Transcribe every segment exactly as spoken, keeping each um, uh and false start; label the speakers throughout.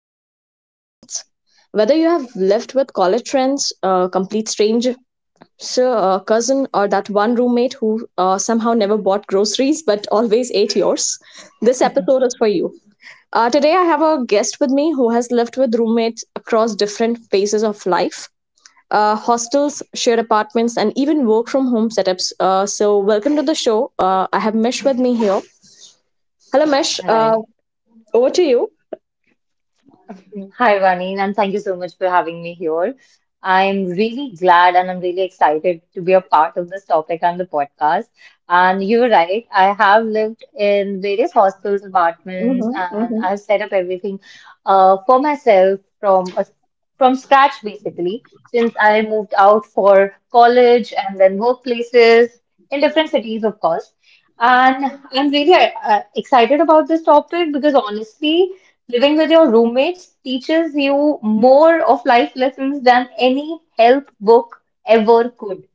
Speaker 1: is, living with roommates. Whether you have lived with college friends, uh, complete stranger, sir, uh, cousin, or that one roommate who uh, somehow never bought groceries but always ate yours, this episode is for you. Uh, today, I have a guest with me who has lived with roommates across different phases of life, uh, hostels, shared apartments, and even work from home setups. Uh, so, welcome to the show. Uh, I have Mesh with me here. Hello, Mesh. Uh,
Speaker 2: Hi.
Speaker 1: over to you.
Speaker 2: Hi, Vaneen, and thank you so much for having me here. I'm really glad and I'm really excited to be a part of this topic and the podcast. And you're right, I have lived in various hostels, apartments, and
Speaker 1: Mm-hmm.
Speaker 2: I've set up everything uh, for myself from a, from scratch basically, since I moved out for college and then workplaces in different cities, of course. And I'm really uh, excited about this topic because honestly, living with your roommates teaches you more of life lessons than any help book ever could.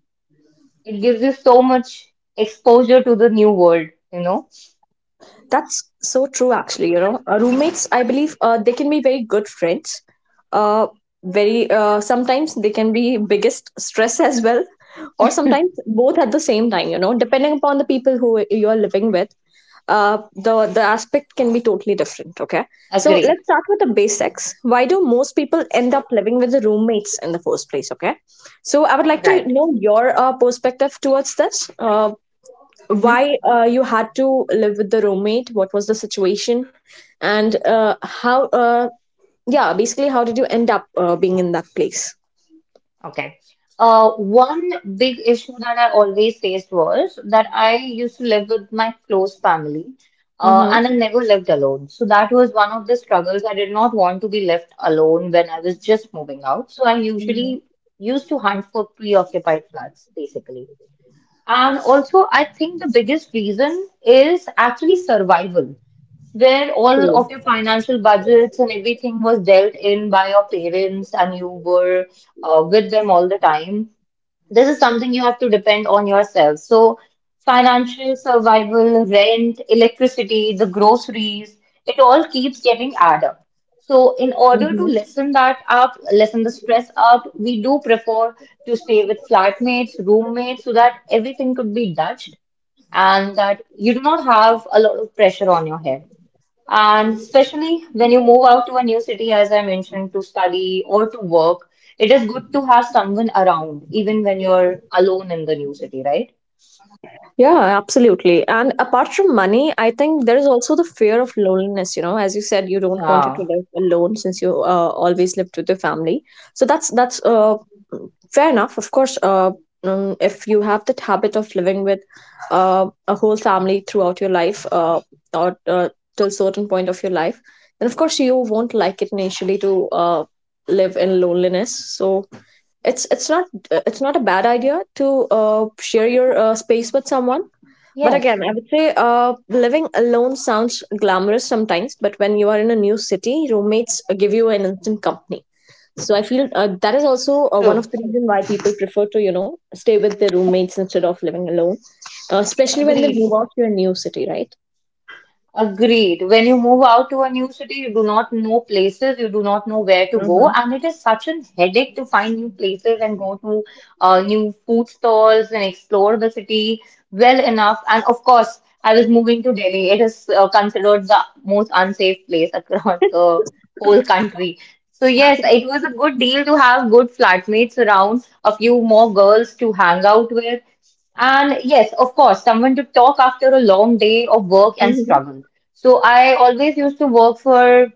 Speaker 2: It gives you so much exposure to the new world, you know?
Speaker 1: That's so true, actually. You know, Uh, roommates, I believe uh, they can be very good friends. Uh, very uh, sometimes they can be biggest stress as well, or sometimes both at the same time. You know, depending upon the people who you are living with, uh, the the aspect can be totally different. Okay, so
Speaker 2: Agreed.
Speaker 1: let's start with the basics. Why do most people end up living with the roommates in the first place? Okay, so I would like to
Speaker 2: Right.
Speaker 1: know your uh, perspective towards this. Uh, why uh, you had to live with the roommate, what was the situation, and uh, how uh, yeah basically, how did you end up uh, being in that place?
Speaker 2: Okay. Uh, one big issue that I always faced was that I used to live with my close family, uh,
Speaker 1: Mm-hmm.
Speaker 2: and I never lived alone. So that was one of the struggles. I did not want to be left alone when I was just moving out. So I
Speaker 1: Mm-hmm.
Speaker 2: usually used to hunt for preoccupied flats, basically. And also, I think the biggest reason is actually survival, where all
Speaker 1: Sure.
Speaker 2: of your financial budgets and everything was dealt in by your parents and you were uh, with them all the time. This is something you have to depend on yourself. So, financial survival, rent, electricity, the groceries, it all keeps getting added up. So, in order to lessen that up, lessen the stress up, we do prefer to stay with flatmates, roommates, so that everything could be dutched and that you do not have a lot of pressure on your head. And especially when you move out to a new city, as I mentioned, to study or to work, it is good to have someone around, even when you're alone in the new city, right?
Speaker 1: Yeah, absolutely. And apart from money, I think there is also the fear of loneliness. You know, as you said, you don't want to
Speaker 2: Yeah.
Speaker 1: live alone since you uh, always lived with your family. So that's that's uh, fair enough. Of course, uh, um, if you have that habit of living with uh, a whole family throughout your life, uh, or uh, till certain point of your life, then of course you won't like it initially to uh, live in loneliness. So it's it's not it's not a bad idea to uh, share your uh, space with someone, but again,
Speaker 2: Yes.
Speaker 1: I would say uh, living alone sounds glamorous sometimes, but when you are in a new city, roommates uh, give you an instant company. So I feel uh, that is also uh, one
Speaker 2: True.
Speaker 1: of the reasons why people prefer to, you know, stay with their roommates instead of living alone, uh, especially when they
Speaker 2: Agreed.
Speaker 1: move out to a new city, right?
Speaker 2: Agreed. When you move out to a new city, you do not know places, you do not know where to go,
Speaker 1: Mm-hmm.
Speaker 2: and it is such a headache to find new places and go to uh, new food stalls and explore the city well enough. And of course, I was moving to Delhi. It is uh, considered the most unsafe place across the whole country. So yes, it was a good deal to have good flatmates around, a few more girls to hang out with, and yes, of course, someone to talk after a long day of work and
Speaker 1: Mm-hmm.
Speaker 2: struggle. So I always used to work for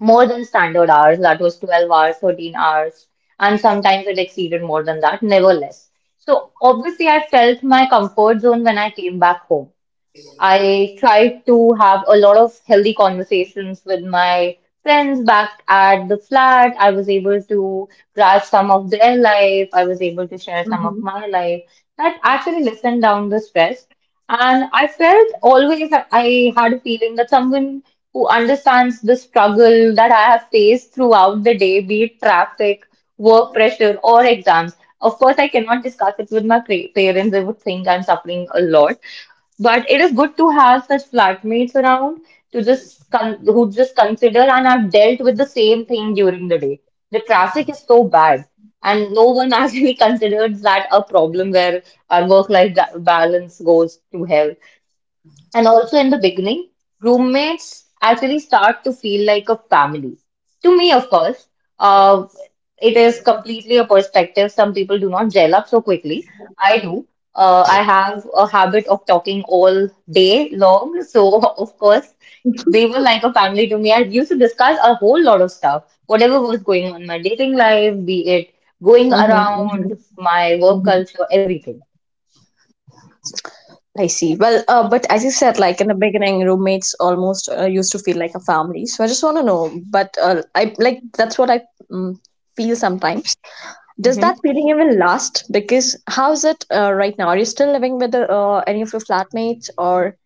Speaker 2: more than standard hours, that was 12 hours, 13 hours, and sometimes it exceeded more than that, never less. So obviously, I felt my comfort zone when I came back home. I tried to have a lot of healthy conversations with my friends back at the flat. I was able to grasp some of their life. I was able to share some of
Speaker 1: Mm-hmm.
Speaker 2: my life. That actually lessened down the stress. And I felt always that I had a feeling that someone who understands the struggle that I have faced throughout the day, be it traffic, work pressure, or exams. Of course, I cannot discuss it with my pa- parents. They would think I'm suffering a lot. But it is good to have such flatmates around to just con who just consider and have dealt with the same thing during the day. The traffic is so bad, and no one actually considers that a problem where our work-life ba- balance goes to hell. And also in the beginning, roommates actually start to feel like a family. To me, of course, uh, it is completely a perspective. Some people do not gel up so quickly. I do. Uh, I have a habit of talking all day long. So, of course, they were like a family to me. I used to discuss a whole lot of stuff, whatever was going on in my dating life, be it going
Speaker 1: Mm-hmm.
Speaker 2: around, my work
Speaker 1: Mm-hmm.
Speaker 2: culture, everything.
Speaker 1: I see. Well, uh, but as you said, like in the beginning, roommates almost uh, used to feel like a family. So I just want to know, but uh, I, like, that's what I um, feel sometimes. Does that
Speaker 2: hmm
Speaker 1: feeling even last? Because how's it uh, right now? Are you still living with uh, any of your flatmates, or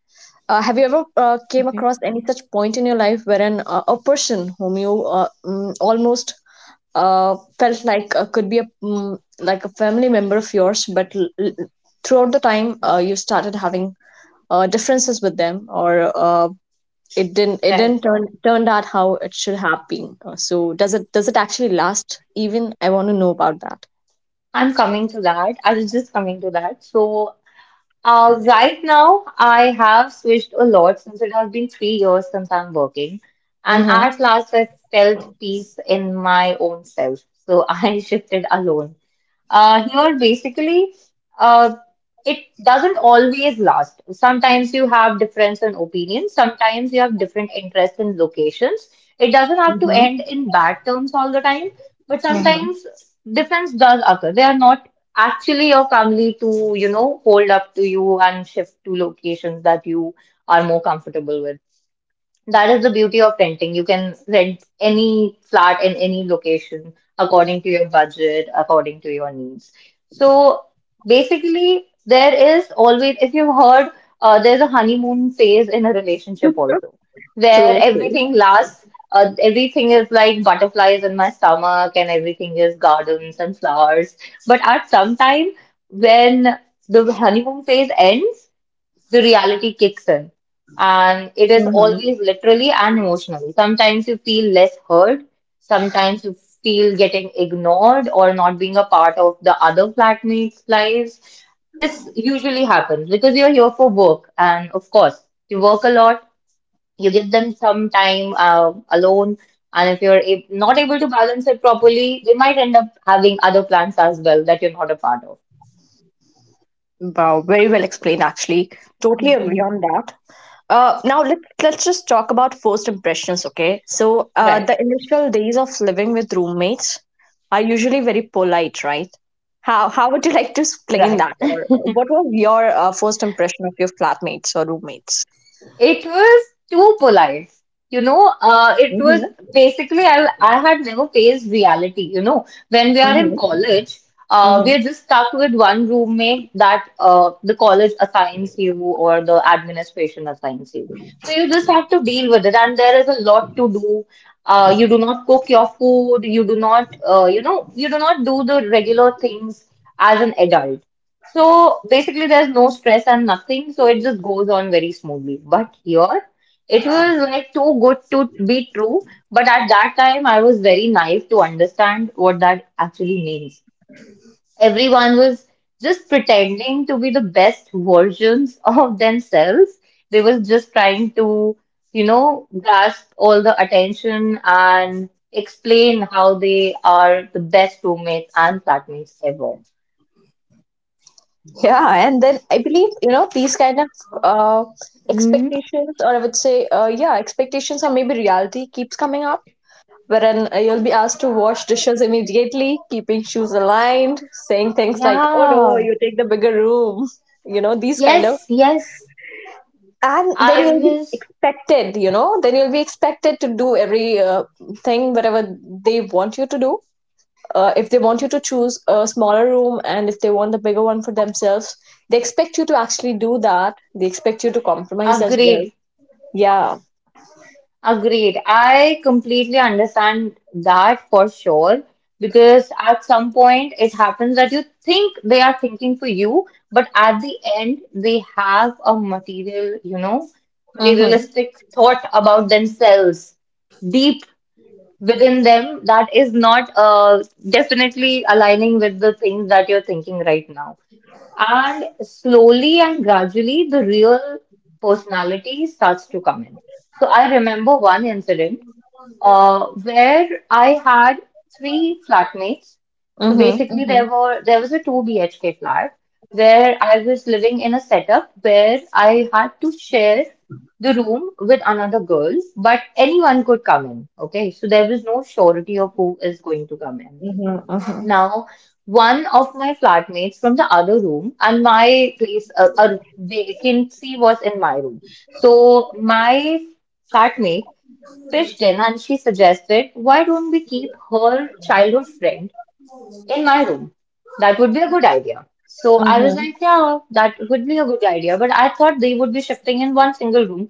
Speaker 1: uh, have you ever uh, came
Speaker 2: hmm
Speaker 1: across any such point in your life wherein uh, a person whom you uh, mm, almost uh, felt like uh, could be a mm, like a family member of yours, but l- l- throughout the time uh, you started having uh, differences with them, or uh, it didn't it
Speaker 2: Right.
Speaker 1: didn't turn turned out how it should have been. Uh, so does it does it actually last? Even I want to know about that.
Speaker 2: I'm coming to that. I was just coming to that. So, uh, right now, I have switched a lot since it has been three years since I'm working. And
Speaker 1: Mm-hmm.
Speaker 2: at last, I felt peace in my own self. So, I shifted alone. Uh, here, basically, uh, it doesn't always last. Sometimes you have difference in opinions, sometimes you have different interests in locations. It doesn't have to
Speaker 1: Mm-hmm.
Speaker 2: end in bad terms all the time, but
Speaker 1: Mm-hmm.
Speaker 2: sometimes difference does occur. They are not actually your family to, you know, hold up to you and shift to locations that you are more comfortable with. That is the beauty of renting. You can rent any flat in any location according to your budget, according to your needs. So basically, there is always, if you've heard, uh, there's a honeymoon phase in a relationship also, where
Speaker 1: True, true.
Speaker 2: everything lasts. Uh, everything is like butterflies in my stomach, and everything is gardens and flowers. But at some time, when the honeymoon phase ends, the reality kicks in. And it is
Speaker 1: Mm-hmm.
Speaker 2: always literally and emotionally. Sometimes you feel less heard, sometimes you feel getting ignored or not being a part of the other flatmates' lives. This usually happens because you're here for work, and of course, you work a lot, you give them some time uh, alone, and if you're ab- not able to balance it properly, they might end up having other plans as well that you're not a part of.
Speaker 1: Wow, very well explained actually. Totally agree on that. Uh, now, let let's just talk about first impressions, okay? So uh,
Speaker 2: Right,
Speaker 1: the initial days of living with roommates are usually very polite, right? How how would you like to explain
Speaker 2: right.
Speaker 1: that, or uh, what was your uh, first impression of your flatmates or roommates?
Speaker 2: It was too polite. You know, uh, it was
Speaker 1: Mm-hmm.
Speaker 2: basically I, I had never faced reality. You know, when we are in college, uh, we
Speaker 1: Mm-hmm.
Speaker 2: are just stuck with one roommate that uh, the college assigns you or the administration assigns you. So you just have to deal with it, and there is a lot to do. Uh, you do not cook your food. You do not, uh, you know, you do not do the regular things as an adult. So basically, there's no stress and nothing, so it just goes on very smoothly. But here, it was like too good to be true. But at that time, I was very naive to understand what that actually means. Everyone was just pretending to be the best versions of themselves. They was just trying to, you know, grasp all the attention and explain how they are the best roommates and flatmates ever.
Speaker 1: Yeah, and then I believe, you know, these kind of uh,
Speaker 2: Mhm.
Speaker 1: expectations, or I would say, uh, yeah, expectations or maybe reality keeps coming up, wherein uh, you'll be asked to wash dishes immediately, keeping shoes aligned, saying things like, oh no,
Speaker 2: Yeah.
Speaker 1: you take the bigger room, you know, these kind of.
Speaker 2: Yes, yes,
Speaker 1: And then
Speaker 2: I
Speaker 1: you'll be
Speaker 2: was
Speaker 1: expected, you know, then you'll be expected to do every uh, thing, whatever they want you to do uh, if they want you to choose a smaller room and if they want the bigger one for themselves, they expect you to actually do that. They expect you to compromise as well.
Speaker 2: agreed,
Speaker 1: Yeah.
Speaker 2: agreed. I completely understand that for sure because at some point it happens that you think they are thinking for you, but at the end they have a material, you know,
Speaker 1: Mm-hmm.
Speaker 2: materialistic thought about themselves deep within them that is not uh, definitely aligning with the things that you're thinking right now. And slowly and gradually, the real personality starts to come in. So I remember one incident uh, where I had three flatmates. So
Speaker 1: Mm-hmm.
Speaker 2: basically, there were there was a two B H K flat where I was living in a setup where I had to share the room with another girl, but anyone could come in. Okay, so there was no surety of who is going to come in.
Speaker 1: Mm-hmm. Mm-hmm.
Speaker 2: Now, one of my flatmates from the other room and my place, a, a vacancy was in my room. So my flatmate pitched in and she suggested, why don't we keep her childhood friend in my room? That would be a good idea. So I was
Speaker 1: Mm-hmm.
Speaker 2: like, yeah, that would be a good idea. But I thought they would be shifting in one single room,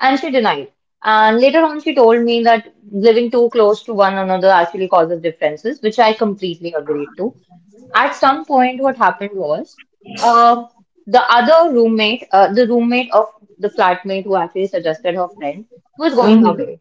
Speaker 2: and she denied. And later on, she told me that living too close to one another actually causes differences, which I completely agreed to. At some point, what happened was uh, the other roommate, uh, the roommate of the flatmate who actually suggested her friend, was going
Speaker 1: Mm-hmm.
Speaker 2: away.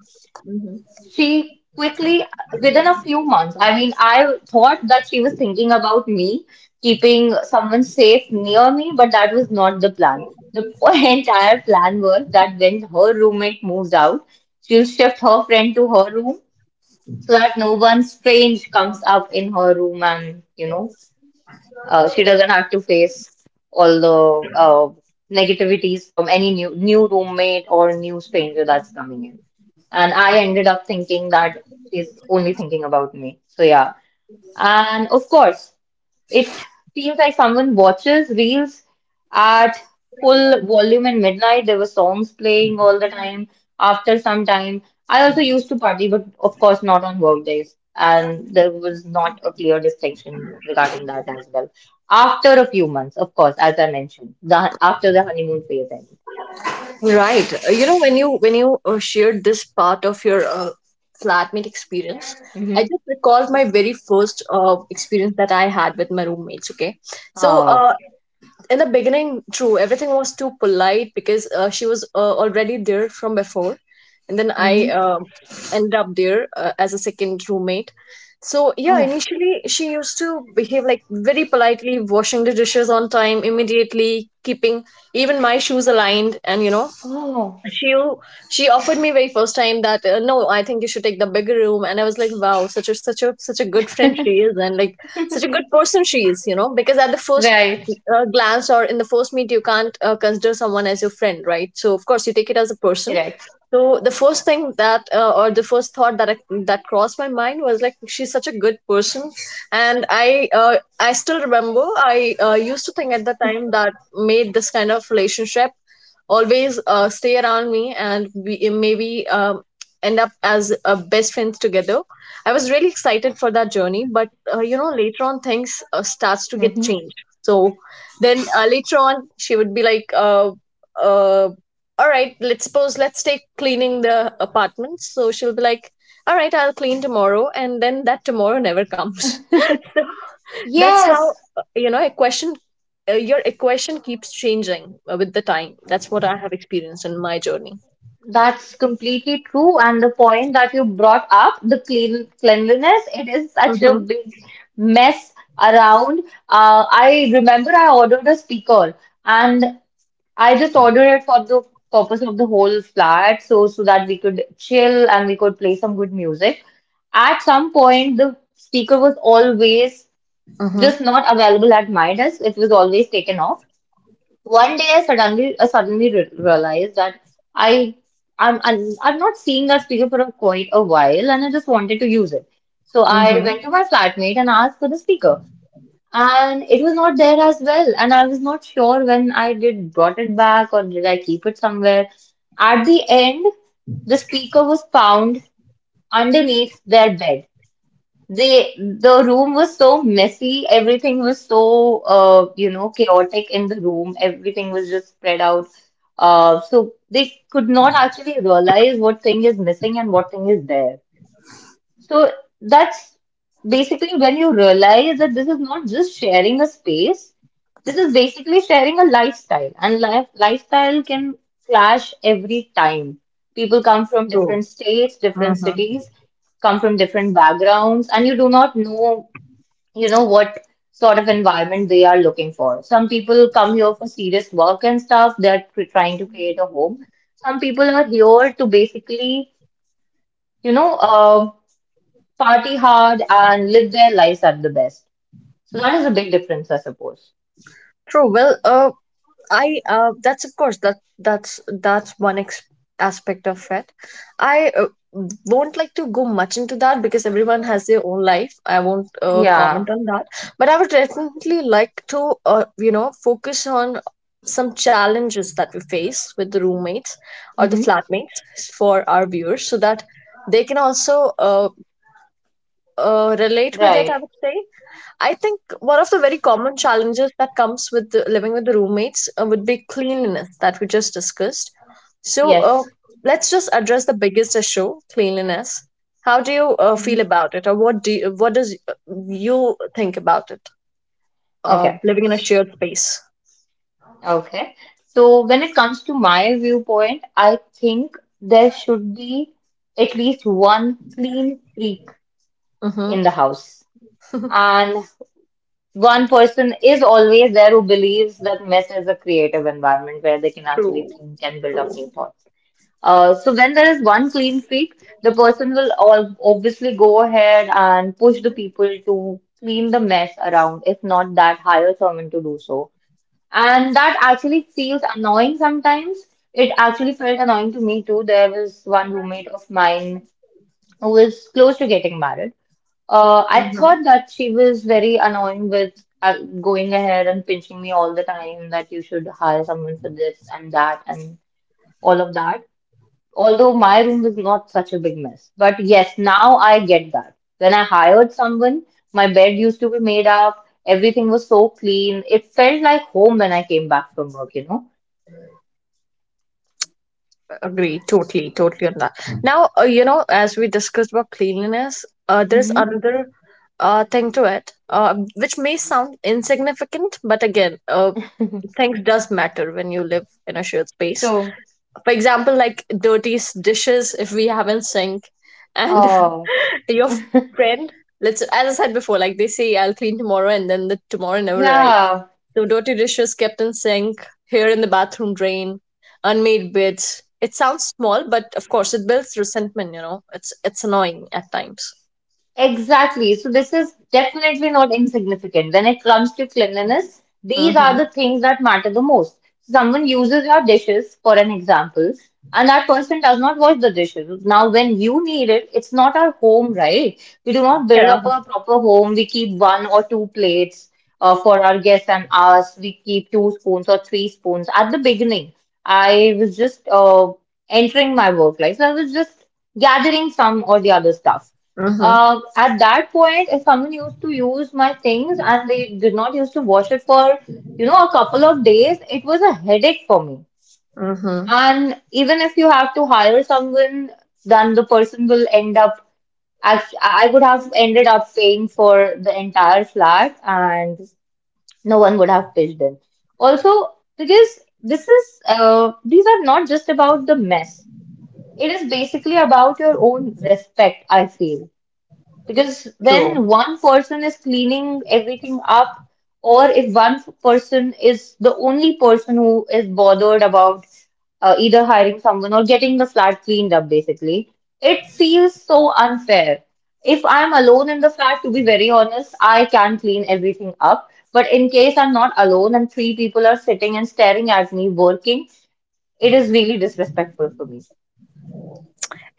Speaker 2: She quickly, within a few months, I mean, I thought that she was thinking about me, keeping someone safe near me, but that was not the plan. The entire plan was that when her roommate moves out, she'll shift her friend to her room so that no one strange comes up in her room and, you know. Uh, she doesn't have to face all the uh, negativities from any new new roommate or new stranger that's coming in. And I ended up thinking that she's only thinking about me. So yeah. And of course, it seems like someone watches reels at full volume in midnight. There were songs playing all the time after some time. I also used to party, but of course not on work days. And there was not a clear distinction regarding that as well. After a few months, of course, as I mentioned, the, after the honeymoon phase
Speaker 1: Right. Uh, You know, when you when you uh, shared this part of your uh, flatmate experience, I
Speaker 2: ended. Hmm.
Speaker 1: just recalled my very first uh, experience that I had with my roommates. Okay, so
Speaker 2: Oh.
Speaker 1: uh, in the beginning, true, everything was too polite because uh, she was uh, already there from before, and then I
Speaker 2: Hmm.
Speaker 1: um ended up there uh, as a second roommate. So, yeah,
Speaker 2: Oh.
Speaker 1: initially she used to behave like very politely, washing the dishes on time, immediately keeping even my shoes aligned, and you know,
Speaker 2: Oh.
Speaker 1: she she offered me very first time that uh, no, I think you should take the bigger room. And I was like, wow, such a such a such a good friend she is, and like such a good person she is, you know because at the first
Speaker 2: Right.
Speaker 1: uh, glance or in the first meet you can't uh, consider someone as your friend, right? So of course you take it as a person.
Speaker 2: Correct.
Speaker 1: So the first thing that uh, or the first thought that I, that crossed my mind was like, she's such a good person. And i uh, i still remember I uh, used to think at the time that made this kind of relationship always uh, stay around me, and we maybe um, end up as uh, best friends together. I was really excited for that journey, but uh, you know later on things uh, starts to get
Speaker 2: Hmm.
Speaker 1: changed. So then uh, later on she would be like uh, uh, all right, let's suppose let's take cleaning the apartment. So she'll be like, all right, I'll clean tomorrow, and then that tomorrow never comes. That's how
Speaker 2: Yes.
Speaker 1: uh, you know equation uh, your equation keeps changing uh, with the time. That's what I have experienced in my journey.
Speaker 2: That's completely true. And the point that you brought up, the clean cleanliness, it is such a
Speaker 1: Mm-hmm.
Speaker 2: big mess around. Uh, I remember I ordered a speaker and I just ordered it for the purpose of the whole flat, so so that we could chill and we could play some good music. At some point, the speaker was always
Speaker 1: Mm-hmm.
Speaker 2: just not available at my desk. It was always taken off. One day I suddenly I suddenly re realized that I I'm, I'm I'm not seeing that speaker for a, quite a while, and I just wanted to use it. So I went
Speaker 1: Mm-hmm.
Speaker 2: to my flatmate and asked for the speaker, and it was not there as well, and I was not sure when I did brought it back or did I keep it somewhere. At the end, the speaker was found underneath their bed. They, the room was so messy. Everything was so uh, you know, chaotic in the room. Everything was just spread out. Uh, so they could not actually realize what thing is missing and what thing is there. So that's basically when you realize that this is not just sharing a space, this is basically sharing a lifestyle, and life, lifestyle can clash every time. People come from
Speaker 1: True.
Speaker 2: different states, different
Speaker 1: Mm-hmm.
Speaker 2: cities, come from different backgrounds, and you do not know, you know, what sort of environment they are looking for. Some people come here for serious work and stuff, they're tr- trying to create a home. Some people are here to basically, you know, uh, party hard and live their lives at the best. So that is a big difference, I suppose.
Speaker 1: True. Well, uh, I uh, that's, of course, that that's that's one ex- aspect of it. I uh, won't like to go much into that because everyone has their own life. I won't uh,
Speaker 2: Yeah.
Speaker 1: comment on that, but I would definitely like to uh, you know focus on some challenges that we face with the roommates or the
Speaker 2: Hmm.
Speaker 1: flatmates for our viewers so that they can also uh, uh, relate with it,
Speaker 2: Right.
Speaker 1: I would say. I think one of the very common challenges that comes with the, living with the roommates uh, would be cleanliness that we just discussed. So uh,
Speaker 2: Yes.
Speaker 1: let's just address the biggest issue, cleanliness. How do you uh,
Speaker 2: Hmm.
Speaker 1: feel about it, or what do you, what does uh, you think about it? Uh,
Speaker 2: Okay.
Speaker 1: living in a shared space.
Speaker 2: Okay. So when it comes to my viewpoint, I think there should be at least one clean freak in
Speaker 1: Mm-hmm.
Speaker 2: the house. And one person is always there who believes that mess is a creative environment where they can actually
Speaker 1: True.
Speaker 2: think and build up
Speaker 1: True.
Speaker 2: new thoughts. Uh, so when there is one clean streak, the person will all obviously go ahead and push the people to clean the mess around, if not that, hire someone to do so. And that actually feels annoying sometimes. It actually felt annoying to me too. There was one roommate of mine who was close to getting married. Uh, I thought that she was very annoying with uh, going ahead and pinching me all the time that you should hire someone for this and that and all of that although my room was not such a big mess. But yes, now I get that. When I hired someone, my bed used to be made up, everything was so clean. It felt like home when I came back from work, you know?
Speaker 1: Agree, totally, totally on that. Now, uh, you know, as we discussed about cleanliness, uh, there's
Speaker 2: Hmm.
Speaker 1: another uh, thing to it, uh, which may sound insignificant, but again, uh, things does matter when you live in a shared space.
Speaker 2: So,
Speaker 1: For example, like dirty s- dishes if we haven't sink, and
Speaker 2: oh,
Speaker 1: your friend, let's as I said before, like they say, I'll clean tomorrow, and then the tomorrow never arrives,
Speaker 2: yeah.
Speaker 1: the dirty dishes kept in sink, here in the bathroom drain, unmade beds. It sounds small, but of course it builds resentment, you know. It's it's annoying at times.
Speaker 2: Exactly. So this is definitely not insignificant. When it comes to cleanliness, these are
Speaker 1: Mm-hmm.
Speaker 2: the things that matter the most. So someone uses your dishes, for an example, and that person does not wash the dishes. Now, when you need it, it's not our home, right? We do not build
Speaker 1: Yeah.
Speaker 2: up a proper home. We keep one or two plates uh, for our guests and us. We keep two spoons or three spoons. At the beginning, I was just uh, entering my work life, so I was just gathering some or the other stuff.
Speaker 1: Mm-hmm.
Speaker 2: Um, at that point, if someone used to use my things and they did not used to wash it for, you know, a couple of days, it was a headache for me.
Speaker 1: Mm-hmm.
Speaker 2: And even if you have to hire someone, then the person will end up, act- I would have ended up paying for the entire flat and no one would have pitched in. Also, because this is, uh, these are not just about the mess. It is basically about your own respect, I feel. Because
Speaker 1: True.
Speaker 2: when one person is cleaning everything up, or if one f- person is the only person who is bothered about uh, either hiring someone or getting the flat cleaned up, basically, it feels so unfair. If I'm alone in the flat, to be very honest, I can clean everything up. But in case I'm not alone and three people are sitting and staring at me working, it is really disrespectful for me.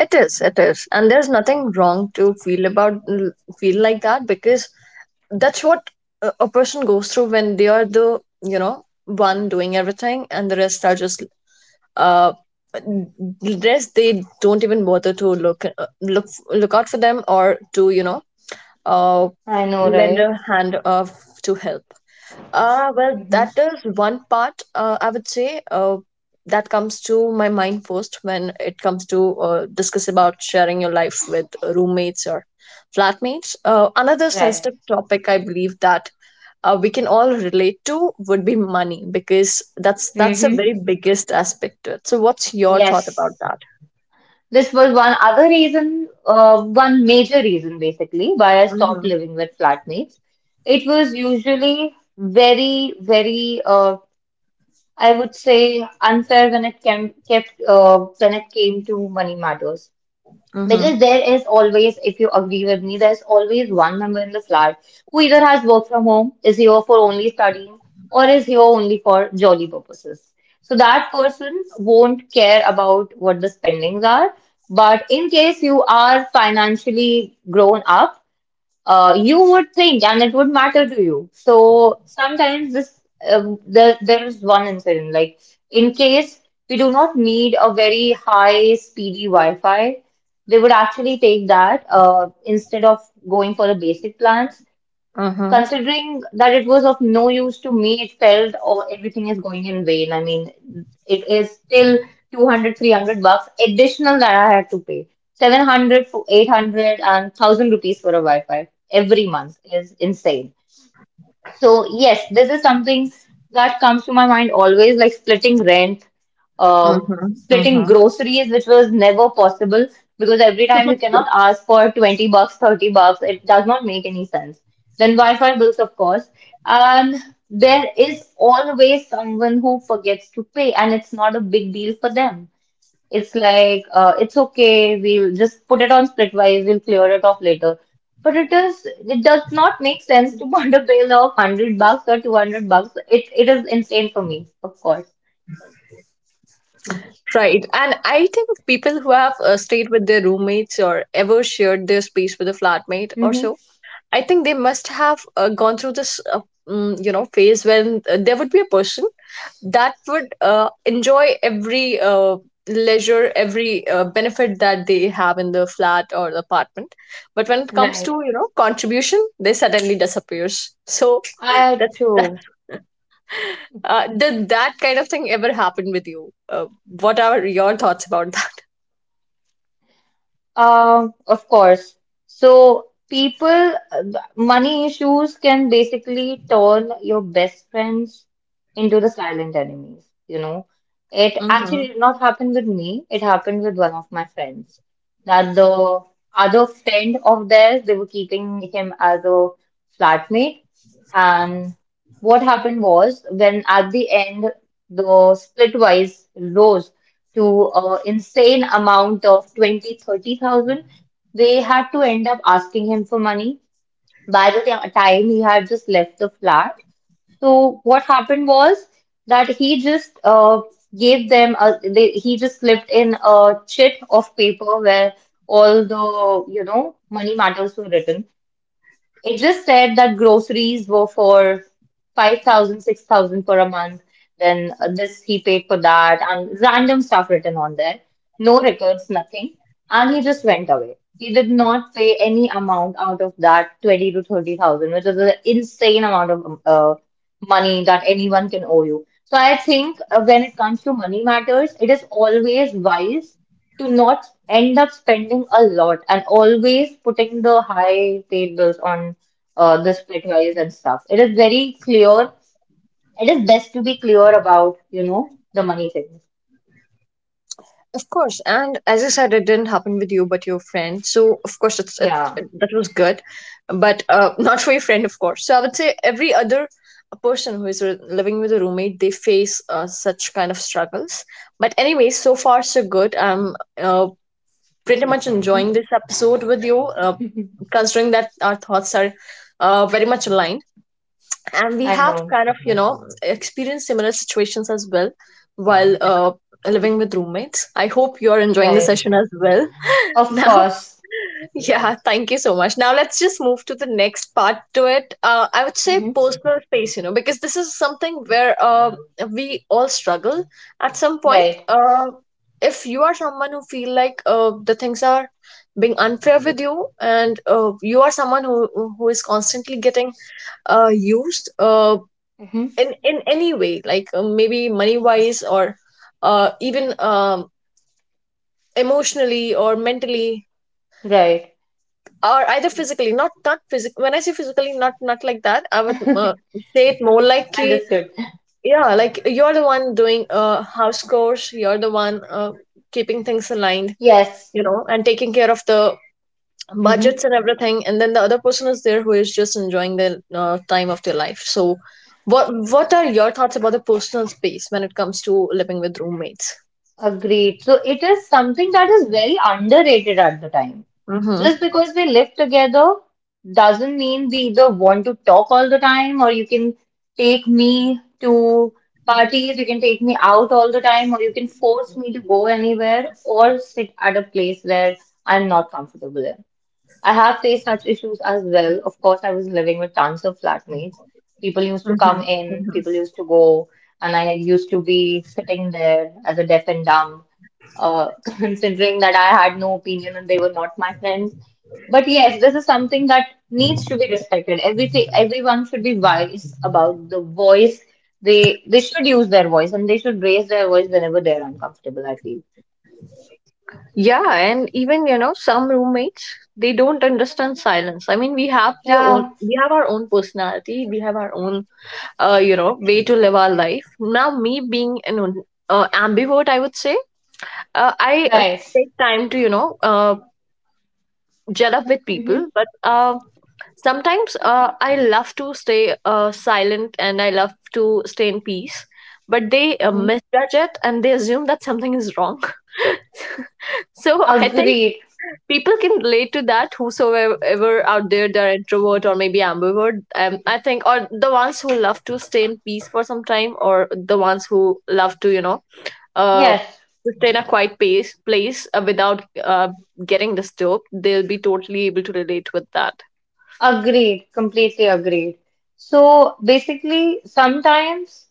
Speaker 1: It is, it is. And there's nothing wrong to feel about feel like that, because that's what a a person goes through when they are the, you know, one doing everything and the rest are just uh rest, they don't even bother to look uh, look look out for them or to you know uh
Speaker 2: I know,
Speaker 1: lend a
Speaker 2: right?
Speaker 1: hand of to help. Uh well,
Speaker 2: Mm-hmm.
Speaker 1: that is one part, uh, I would say, uh that comes to my mind first when it comes to uh, discuss about sharing your life with roommates or flatmates. Uh, another
Speaker 2: Right.
Speaker 1: sensitive topic, I believe, that uh, we can all relate to would be money, because that's that's a
Speaker 2: Mm-hmm.
Speaker 1: very biggest aspect to it. So what's your thought about
Speaker 2: Yes.
Speaker 1: that?
Speaker 2: This was one other reason, uh, one major reason basically, why I stopped
Speaker 1: Mm-hmm.
Speaker 2: living with flatmates. It was usually very, very, uh, I would say, unfair when it came, kept, uh, when it came to money matters. Because
Speaker 1: Mm-hmm.
Speaker 2: there is always, if you agree with me, there's always one member in the flat who either has work from home, is here for only studying, or is here only for jolly purposes. So that person won't care about what the spendings are. But in case you are financially grown up, uh, you would think and it would matter to you. So sometimes this um, there there is one incident like in case we do not need a very high speedy Wi-Fi, they would actually take that uh, instead of going for the basic plans.
Speaker 1: Mm-hmm.
Speaker 2: Considering that it was of no use to me, it felt oh, everything is going in vain. I mean, it is still two hundred, three hundred bucks additional that I had to pay. seven hundred, eight hundred, and one thousand rupees for a Wi-Fi every month is insane. So yes, this is something that comes to my mind always, like splitting rent, um,
Speaker 1: Mm-hmm.
Speaker 2: splitting
Speaker 1: Mm-hmm.
Speaker 2: groceries, which was never possible because every time you cannot ask for twenty bucks, thirty bucks, it does not make any sense. Then Wi-Fi bills, of course. And there is always someone who forgets to pay, and it's not a big deal for them. It's like, uh, it's okay, we'll just put it on splitwise, we'll clear it off later. But it is, it does not make sense to put a bill of one hundred bucks or two hundred bucks. It, it is insane for me, of course.
Speaker 1: Right. And I think people who have uh, stayed with their roommates or ever shared their space with a flatmate or
Speaker 2: Mm-hmm.
Speaker 1: so, I think they must have uh, gone through this, uh, mm, you know, phase when uh, there would be a person that would uh, enjoy every uh, leisure, every uh, benefit that they have in the flat or the apartment. But when it comes to
Speaker 2: Right.
Speaker 1: you know contribution, they suddenly disappears. So
Speaker 2: I
Speaker 1: that that
Speaker 2: too.
Speaker 1: uh, did that kind of thing ever happen with you? Uh, what are your thoughts about
Speaker 2: Um, of course. So people, money issues can basically turn your best friends into the silent enemies, you know. It actually
Speaker 1: that?
Speaker 2: did not happen with me. It happened with one of my friends. That the other friend of theirs, they were keeping him as a flatmate. And what happened was when at the end the splitwise rose to uh, insane amount of twenty thirty thousand, they had to end up asking him for money by the ti- time he had just left the flat. So what happened was that he just uh, gave them a, they, he just slipped in a chit of paper where all the you know money matters were written. It just said that groceries were for five thousand, six thousand six thousand for a month. Then uh, this, he paid for that, and random stuff written on there. No records, nothing. And he just went away. He did not pay any amount out of that twenty to thirty thousand, which is an insane amount of um, uh, money that anyone can owe you. So I think uh, when it comes to money matters, it is always wise to not end up spending a lot and always putting the high paid bills on uh, the split wise and stuff. It is very clear. It is best to be clear about, you know, the money things.
Speaker 1: Of course, and as you said, it didn't happen with you, but your friend. So of course, it's it,
Speaker 2: Yeah.
Speaker 1: it- that was good, but uh, not for your friend, of course. So I would say every other person who is re- living with a roommate, they face uh, such kind of struggles. But anyway, so far so good. I'm uh, pretty much enjoying this episode with you, uh, considering that our thoughts are uh, very much aligned, and we
Speaker 2: I
Speaker 1: have
Speaker 2: know.
Speaker 1: kind of you know experienced similar situations as well while uh, living with roommates. I hope you're enjoying the
Speaker 2: Right.
Speaker 1: session as well.
Speaker 2: Of
Speaker 1: Now,
Speaker 2: course.
Speaker 1: yeah, thank you so much. Now let's just move to the next part to it. uh, I would say
Speaker 2: Hmm.
Speaker 1: personal space, you know, because this is something where uh, we all struggle at some point.
Speaker 2: Right.
Speaker 1: Uh, if you are someone who feel like uh, the things are being unfair with you, and uh, you are someone who who is constantly getting uh, used. Uh,
Speaker 2: Hmm.
Speaker 1: in in any way, like uh, maybe money wise or uh, even um, emotionally or mentally,
Speaker 2: Right.
Speaker 1: or either physically. Not not physical, when I say physically, not not like that, I would uh, say it more like ki-
Speaker 2: Understood.
Speaker 1: yeah, like you're the one doing uh, house chores, you're the one uh, keeping things aligned,
Speaker 2: Yes.
Speaker 1: you know, and taking care of the
Speaker 2: Mhm.
Speaker 1: budgets and everything, and then the other person is there who is just enjoying the uh, time of their life. So what what are your thoughts about the personal space when it comes to living with roommates?
Speaker 2: Agreed. So it is something that is very underrated at the time.
Speaker 1: Mm-hmm.
Speaker 2: Just because we live together doesn't mean we either want to talk all the time, or you can take me to parties, you can take me out all the time, or you can force me to go anywhere or sit at a place where I'm not comfortable in. I have faced such issues as well. Of course, I was living with tons of flatmates. People used to
Speaker 1: Mm-hmm.
Speaker 2: come in,
Speaker 1: Mm-hmm.
Speaker 2: people used to go, and I used to be sitting there as a deaf and dumb, uh, considering that I had no opinion and they were not my friends. But yes, this is something that needs to be respected. Everything, everyone should be wise about the voice. They they should use their voice and they should raise their voice whenever they're uncomfortable, I feel.
Speaker 1: Yeah, and even you know some roommates, they don't understand silence. I mean, we have their own,
Speaker 2: Yeah,
Speaker 1: we have our own personality, we have our own, uh, you know, way to live our life. Now, me being an un- uh, ambivert, I would say, uh, I uh,
Speaker 2: right.
Speaker 1: take time to you know uh, gel up with people,
Speaker 2: Mm-hmm.
Speaker 1: but uh, sometimes uh, I love to stay uh, silent and I love to stay in peace. But they uh,
Speaker 2: Mm-hmm.
Speaker 1: misjudge it and they assume that something is wrong. So I think
Speaker 2: Agreed.
Speaker 1: people can relate to that. Whosoever ever out there, they're introvert or maybe ambivert. Um, I think, or the ones who love to stay in peace for some time, or the ones who love to, you know, uh,
Speaker 2: Yes.
Speaker 1: to stay in a quiet pace, place uh, without uh, getting disturbed. They'll be totally able to relate with that.
Speaker 2: Agreed, completely agreed. So basically, sometimes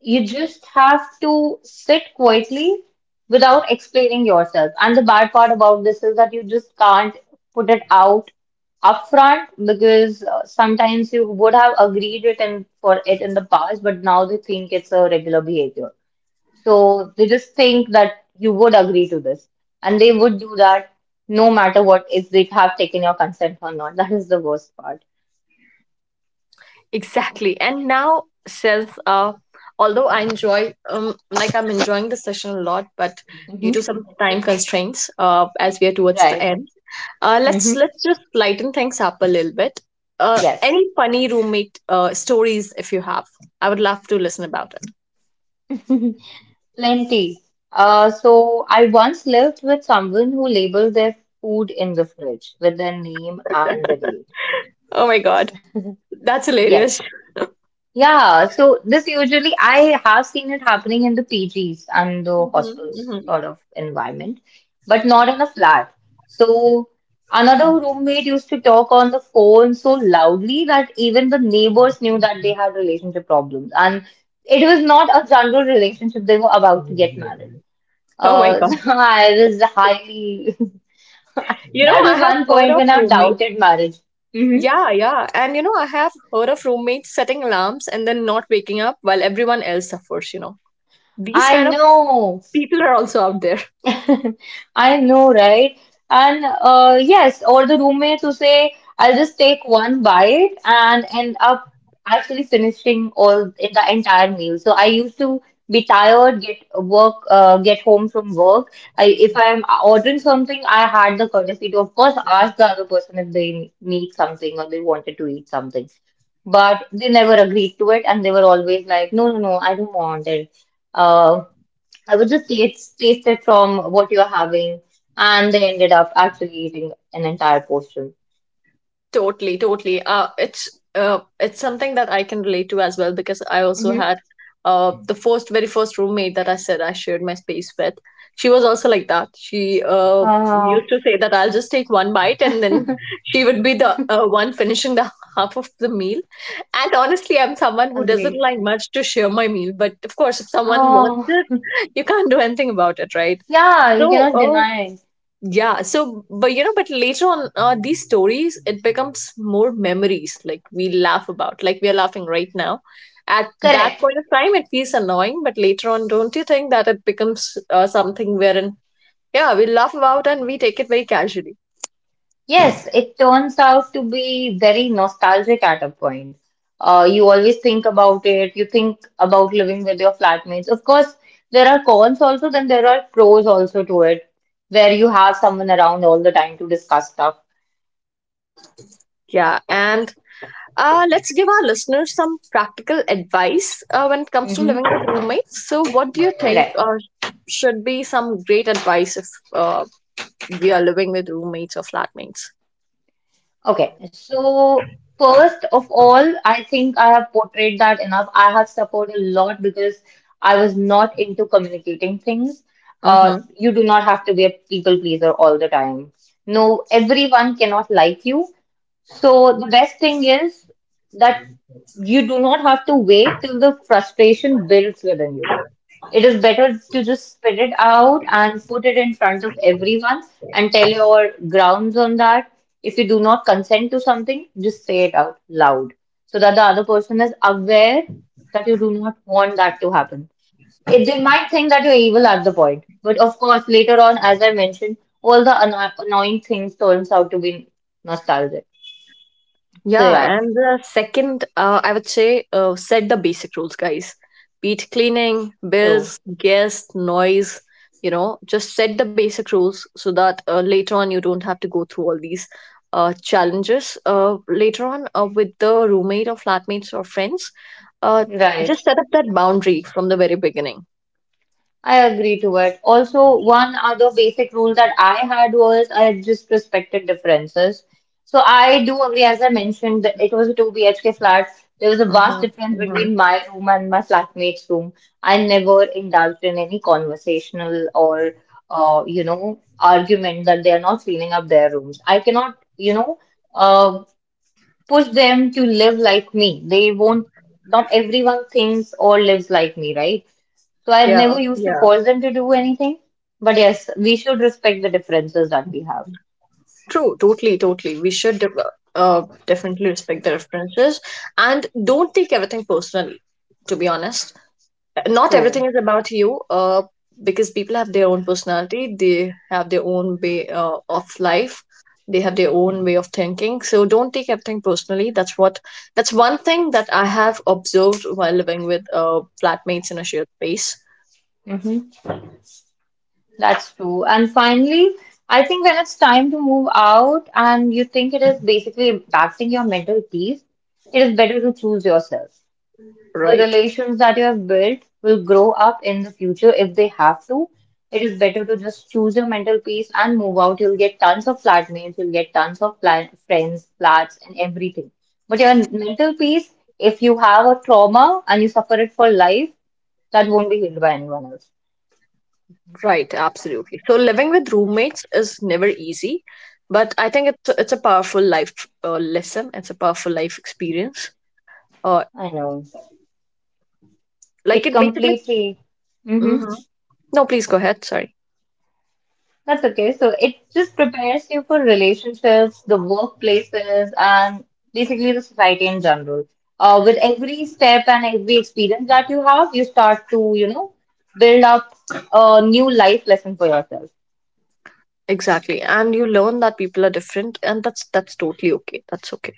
Speaker 2: you just have to sit quietly without explaining yourself. And the bad part about this is that you just can't put it out upfront because uh, sometimes you would have agreed it and for it in the past, but now they think it's a regular behavior. So they just think that you would agree to this, and they would do that no matter what, if they have taken your consent or not. That is the worst part.
Speaker 1: Exactly. And now, since uh, although I enjoy, um, like I'm enjoying the session a lot, but due
Speaker 2: Hmm.
Speaker 1: to some time constraints, uh, as we are towards the
Speaker 2: Right.
Speaker 1: end, Uh, let's
Speaker 2: Hmm.
Speaker 1: let's just lighten things up a little bit. Uh,
Speaker 2: Yes.
Speaker 1: any funny roommate uh, stories if you have? I would love to listen about it.
Speaker 2: Plenty. Uh, so I once lived with someone who labeled their food in the fridge with their name and the date.
Speaker 1: Oh my god, that's
Speaker 2: Yes.
Speaker 1: hilarious.
Speaker 2: Yeah, so this usually I have seen it happening in the P Gs and the
Speaker 1: Hmm.
Speaker 2: hostels
Speaker 1: Hmm.
Speaker 2: sort of environment, but not in a flat. So another roommate used to talk on the phone so loudly that even the neighbors knew that they had relationship problems, and it was not a general relationship. They were about to get married.
Speaker 1: Oh my
Speaker 2: Uh,
Speaker 1: god,
Speaker 2: so I was highly.
Speaker 1: you know
Speaker 2: That
Speaker 1: I
Speaker 2: was
Speaker 1: have
Speaker 2: one
Speaker 1: heard
Speaker 2: point
Speaker 1: of
Speaker 2: when I
Speaker 1: roommates.
Speaker 2: doubted marriage. Hmm.
Speaker 1: Yeah, yeah, and you know I have heard of roommates setting alarms and then not waking up while everyone else suffers. You know these
Speaker 2: I
Speaker 1: kind of
Speaker 2: know.
Speaker 1: people are also out there.
Speaker 2: I know, right? And uh, yes, or the roommate who say, I'll just take one bite and end up actually finishing all in the entire meal. So I used to be tired, get work, uh, get home from work. I, if I'm ordering something, I had the courtesy to, of course, ask the other person if they need something or they wanted to eat something. But they never agreed to it, and they were always like, "No, no, no, I don't want it." Uh, I would just taste, taste it from what you're having, and they ended up actually eating an entire portion.
Speaker 1: Totally, totally. Uh, it's uh, it's something that I can relate to as well, because I also
Speaker 2: Hmm.
Speaker 1: had uh, the first, very first roommate that I said I shared my space with. She was also like that. She uh, used
Speaker 2: Oh,
Speaker 1: to say that I'll just take one bite, and then she would be the uh, one finishing the half of the meal. And honestly, I'm someone who doesn't
Speaker 2: agreed.
Speaker 1: like much to share my meal, but of course, if someone wants
Speaker 2: Oh,
Speaker 1: it, you can't do anything about it, right?
Speaker 2: yeah, you
Speaker 1: So
Speaker 2: cannot
Speaker 1: uh,
Speaker 2: deny it.
Speaker 1: yeah, so but you know, but later on uh, these stories, it becomes more memories, like we laugh about, like we are laughing right now. At that
Speaker 2: Correct.
Speaker 1: point of time it feels annoying, but later on, don't you think that it becomes uh, something wherein yeah we laugh about and we take it very casually.
Speaker 2: Yes, it turns out to be very nostalgic at a point. Uh, you always think about it. You think about living with your flatmates. Of course, there are cons also, then there are pros also to it, where you have someone around all the time to discuss stuff.
Speaker 1: Yeah, and uh, let's give our listeners some practical advice uh, when it comes to living
Speaker 2: Hmm.
Speaker 1: with roommates. So what do you think
Speaker 2: Correct.
Speaker 1: uh, should be some great advice if uh, we are living with roommates or flatmates?
Speaker 2: Okay, so first of all, I think I have portrayed that enough. I have suffered a lot because I was not into communicating things. Uh,
Speaker 1: Mm-hmm.
Speaker 2: you do not have to be a people pleaser all the time. No, everyone cannot like you. So the best thing is that you do not have to wait till the frustration builds within you. It is better to just spit it out and put it in front of everyone and tell your grounds on that. If you do not consent to something, just say it out loud so that the other person is aware that you do not want that to happen. It, they might think that you're evil at the point, but of course, later on, as I mentioned, all the anno annoying things turns out to be nostalgic. So
Speaker 1: Yeah,
Speaker 2: yeah,
Speaker 1: and the second, uh, I would say, uh, set the basic rules, guys. Be it cleaning,
Speaker 2: so
Speaker 1: bills, guests, noise, you know, just set the basic rules so that uh, later on you don't have to go through all these uh, challenges. Uh, later on, uh, with the roommate or flatmates or friends, uh,
Speaker 2: right.
Speaker 1: just set up that boundary from the very beginning.
Speaker 2: I agree to it. Also, one other basic rule that I had was I just respected differences. So I do agree, as I mentioned, that it was a two B H K flat. There was a
Speaker 1: Mm-hmm,
Speaker 2: vast difference
Speaker 1: mm-hmm.
Speaker 2: between my room and my flatmate's room. I never indulged in any conversational or, uh, you know, argument that they are not cleaning up their rooms. I cannot, you know, uh, push them to live like me. They won't, not everyone thinks or lives like me, right? So I
Speaker 1: Yeah,
Speaker 2: never used to
Speaker 1: yeah.
Speaker 2: force them to do anything. But yes, we should respect the differences that we have.
Speaker 1: True, totally, totally. We should de- uh, definitely respect the references, and don't take everything personally, to be honest. Not everything
Speaker 2: So,
Speaker 1: is about you uh, because people have their own personality, they have their own way uh, of life, they have their own way of thinking. So don't take everything personally. That's what that's one thing that I have observed while living with uh, flatmates in a shared space.
Speaker 2: hmm, that's true. And finally, I think when it's time to move out and you think it is basically impacting your mental peace, it is better to choose yourself. The
Speaker 1: Right.
Speaker 2: relations that you have built will grow up in the future if they have to. It is better to just choose your mental peace and move out. You'll get tons of flatmates, you'll get tons of pla- friends, flats, and everything. But your mental peace, if you have a trauma and you suffer it for life, that won't be healed by anyone else.
Speaker 1: Right, absolutely. So living with roommates is never easy, but I think it's it's a powerful life uh, lesson. It's a powerful life experience. Uh,
Speaker 2: I know.
Speaker 1: like
Speaker 2: It
Speaker 1: it basically.
Speaker 2: completely. Mm-hmm.
Speaker 1: Hmm. No, please go ahead. Sorry.
Speaker 2: That's okay. So it just prepares you for relationships, the workplaces, and basically the society in general. Uh, with every step and every experience that you have, you start to, you know, build up a new life lesson for yourself.
Speaker 1: Exactly, and you learn that people are different, and that's that's totally okay. That's okay.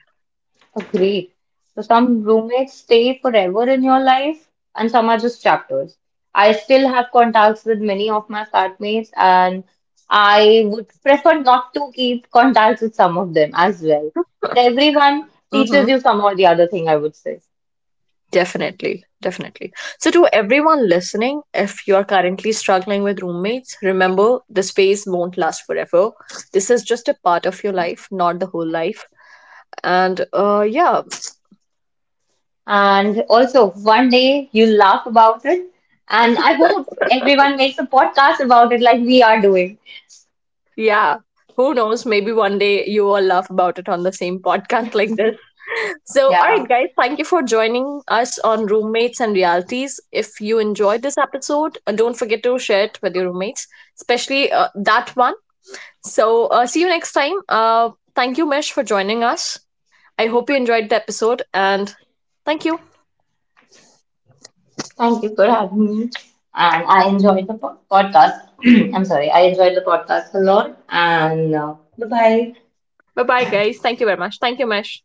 Speaker 2: Agreed. So some roommates stay forever in your life, and some are just chapters. I still have contacts with many of my flatmates, and I would prefer not to keep contacts with some of them as well. But everyone
Speaker 1: Hmm.
Speaker 2: teaches you some or the other thing, I would say.
Speaker 1: Definitely, definitely. So, to everyone listening, if you are currently struggling with roommates, remember the space won't last forever. This is just a part of your life, not the whole life. And uh, yeah.
Speaker 2: And also, one day you laugh about it, and I hope everyone makes a podcast about it like we are doing.
Speaker 1: Yeah. Who knows? Maybe one day you all laugh about it on the same podcast like this. So, all
Speaker 2: Yeah.
Speaker 1: right, guys, thank you for joining us on Roommates and Realities. If you enjoyed this episode, uh, don't forget to share it with your roommates, especially uh, that one. So, uh, see you next time. Uh, thank you, Mesh, for joining us. I hope you enjoyed the episode and thank you.
Speaker 2: Thank you for having me. And I enjoyed the po- podcast. I'm sorry, I enjoyed the podcast a lot. And uh, bye bye.
Speaker 1: Bye bye, guys. Thank you very much. Thank you, Mesh.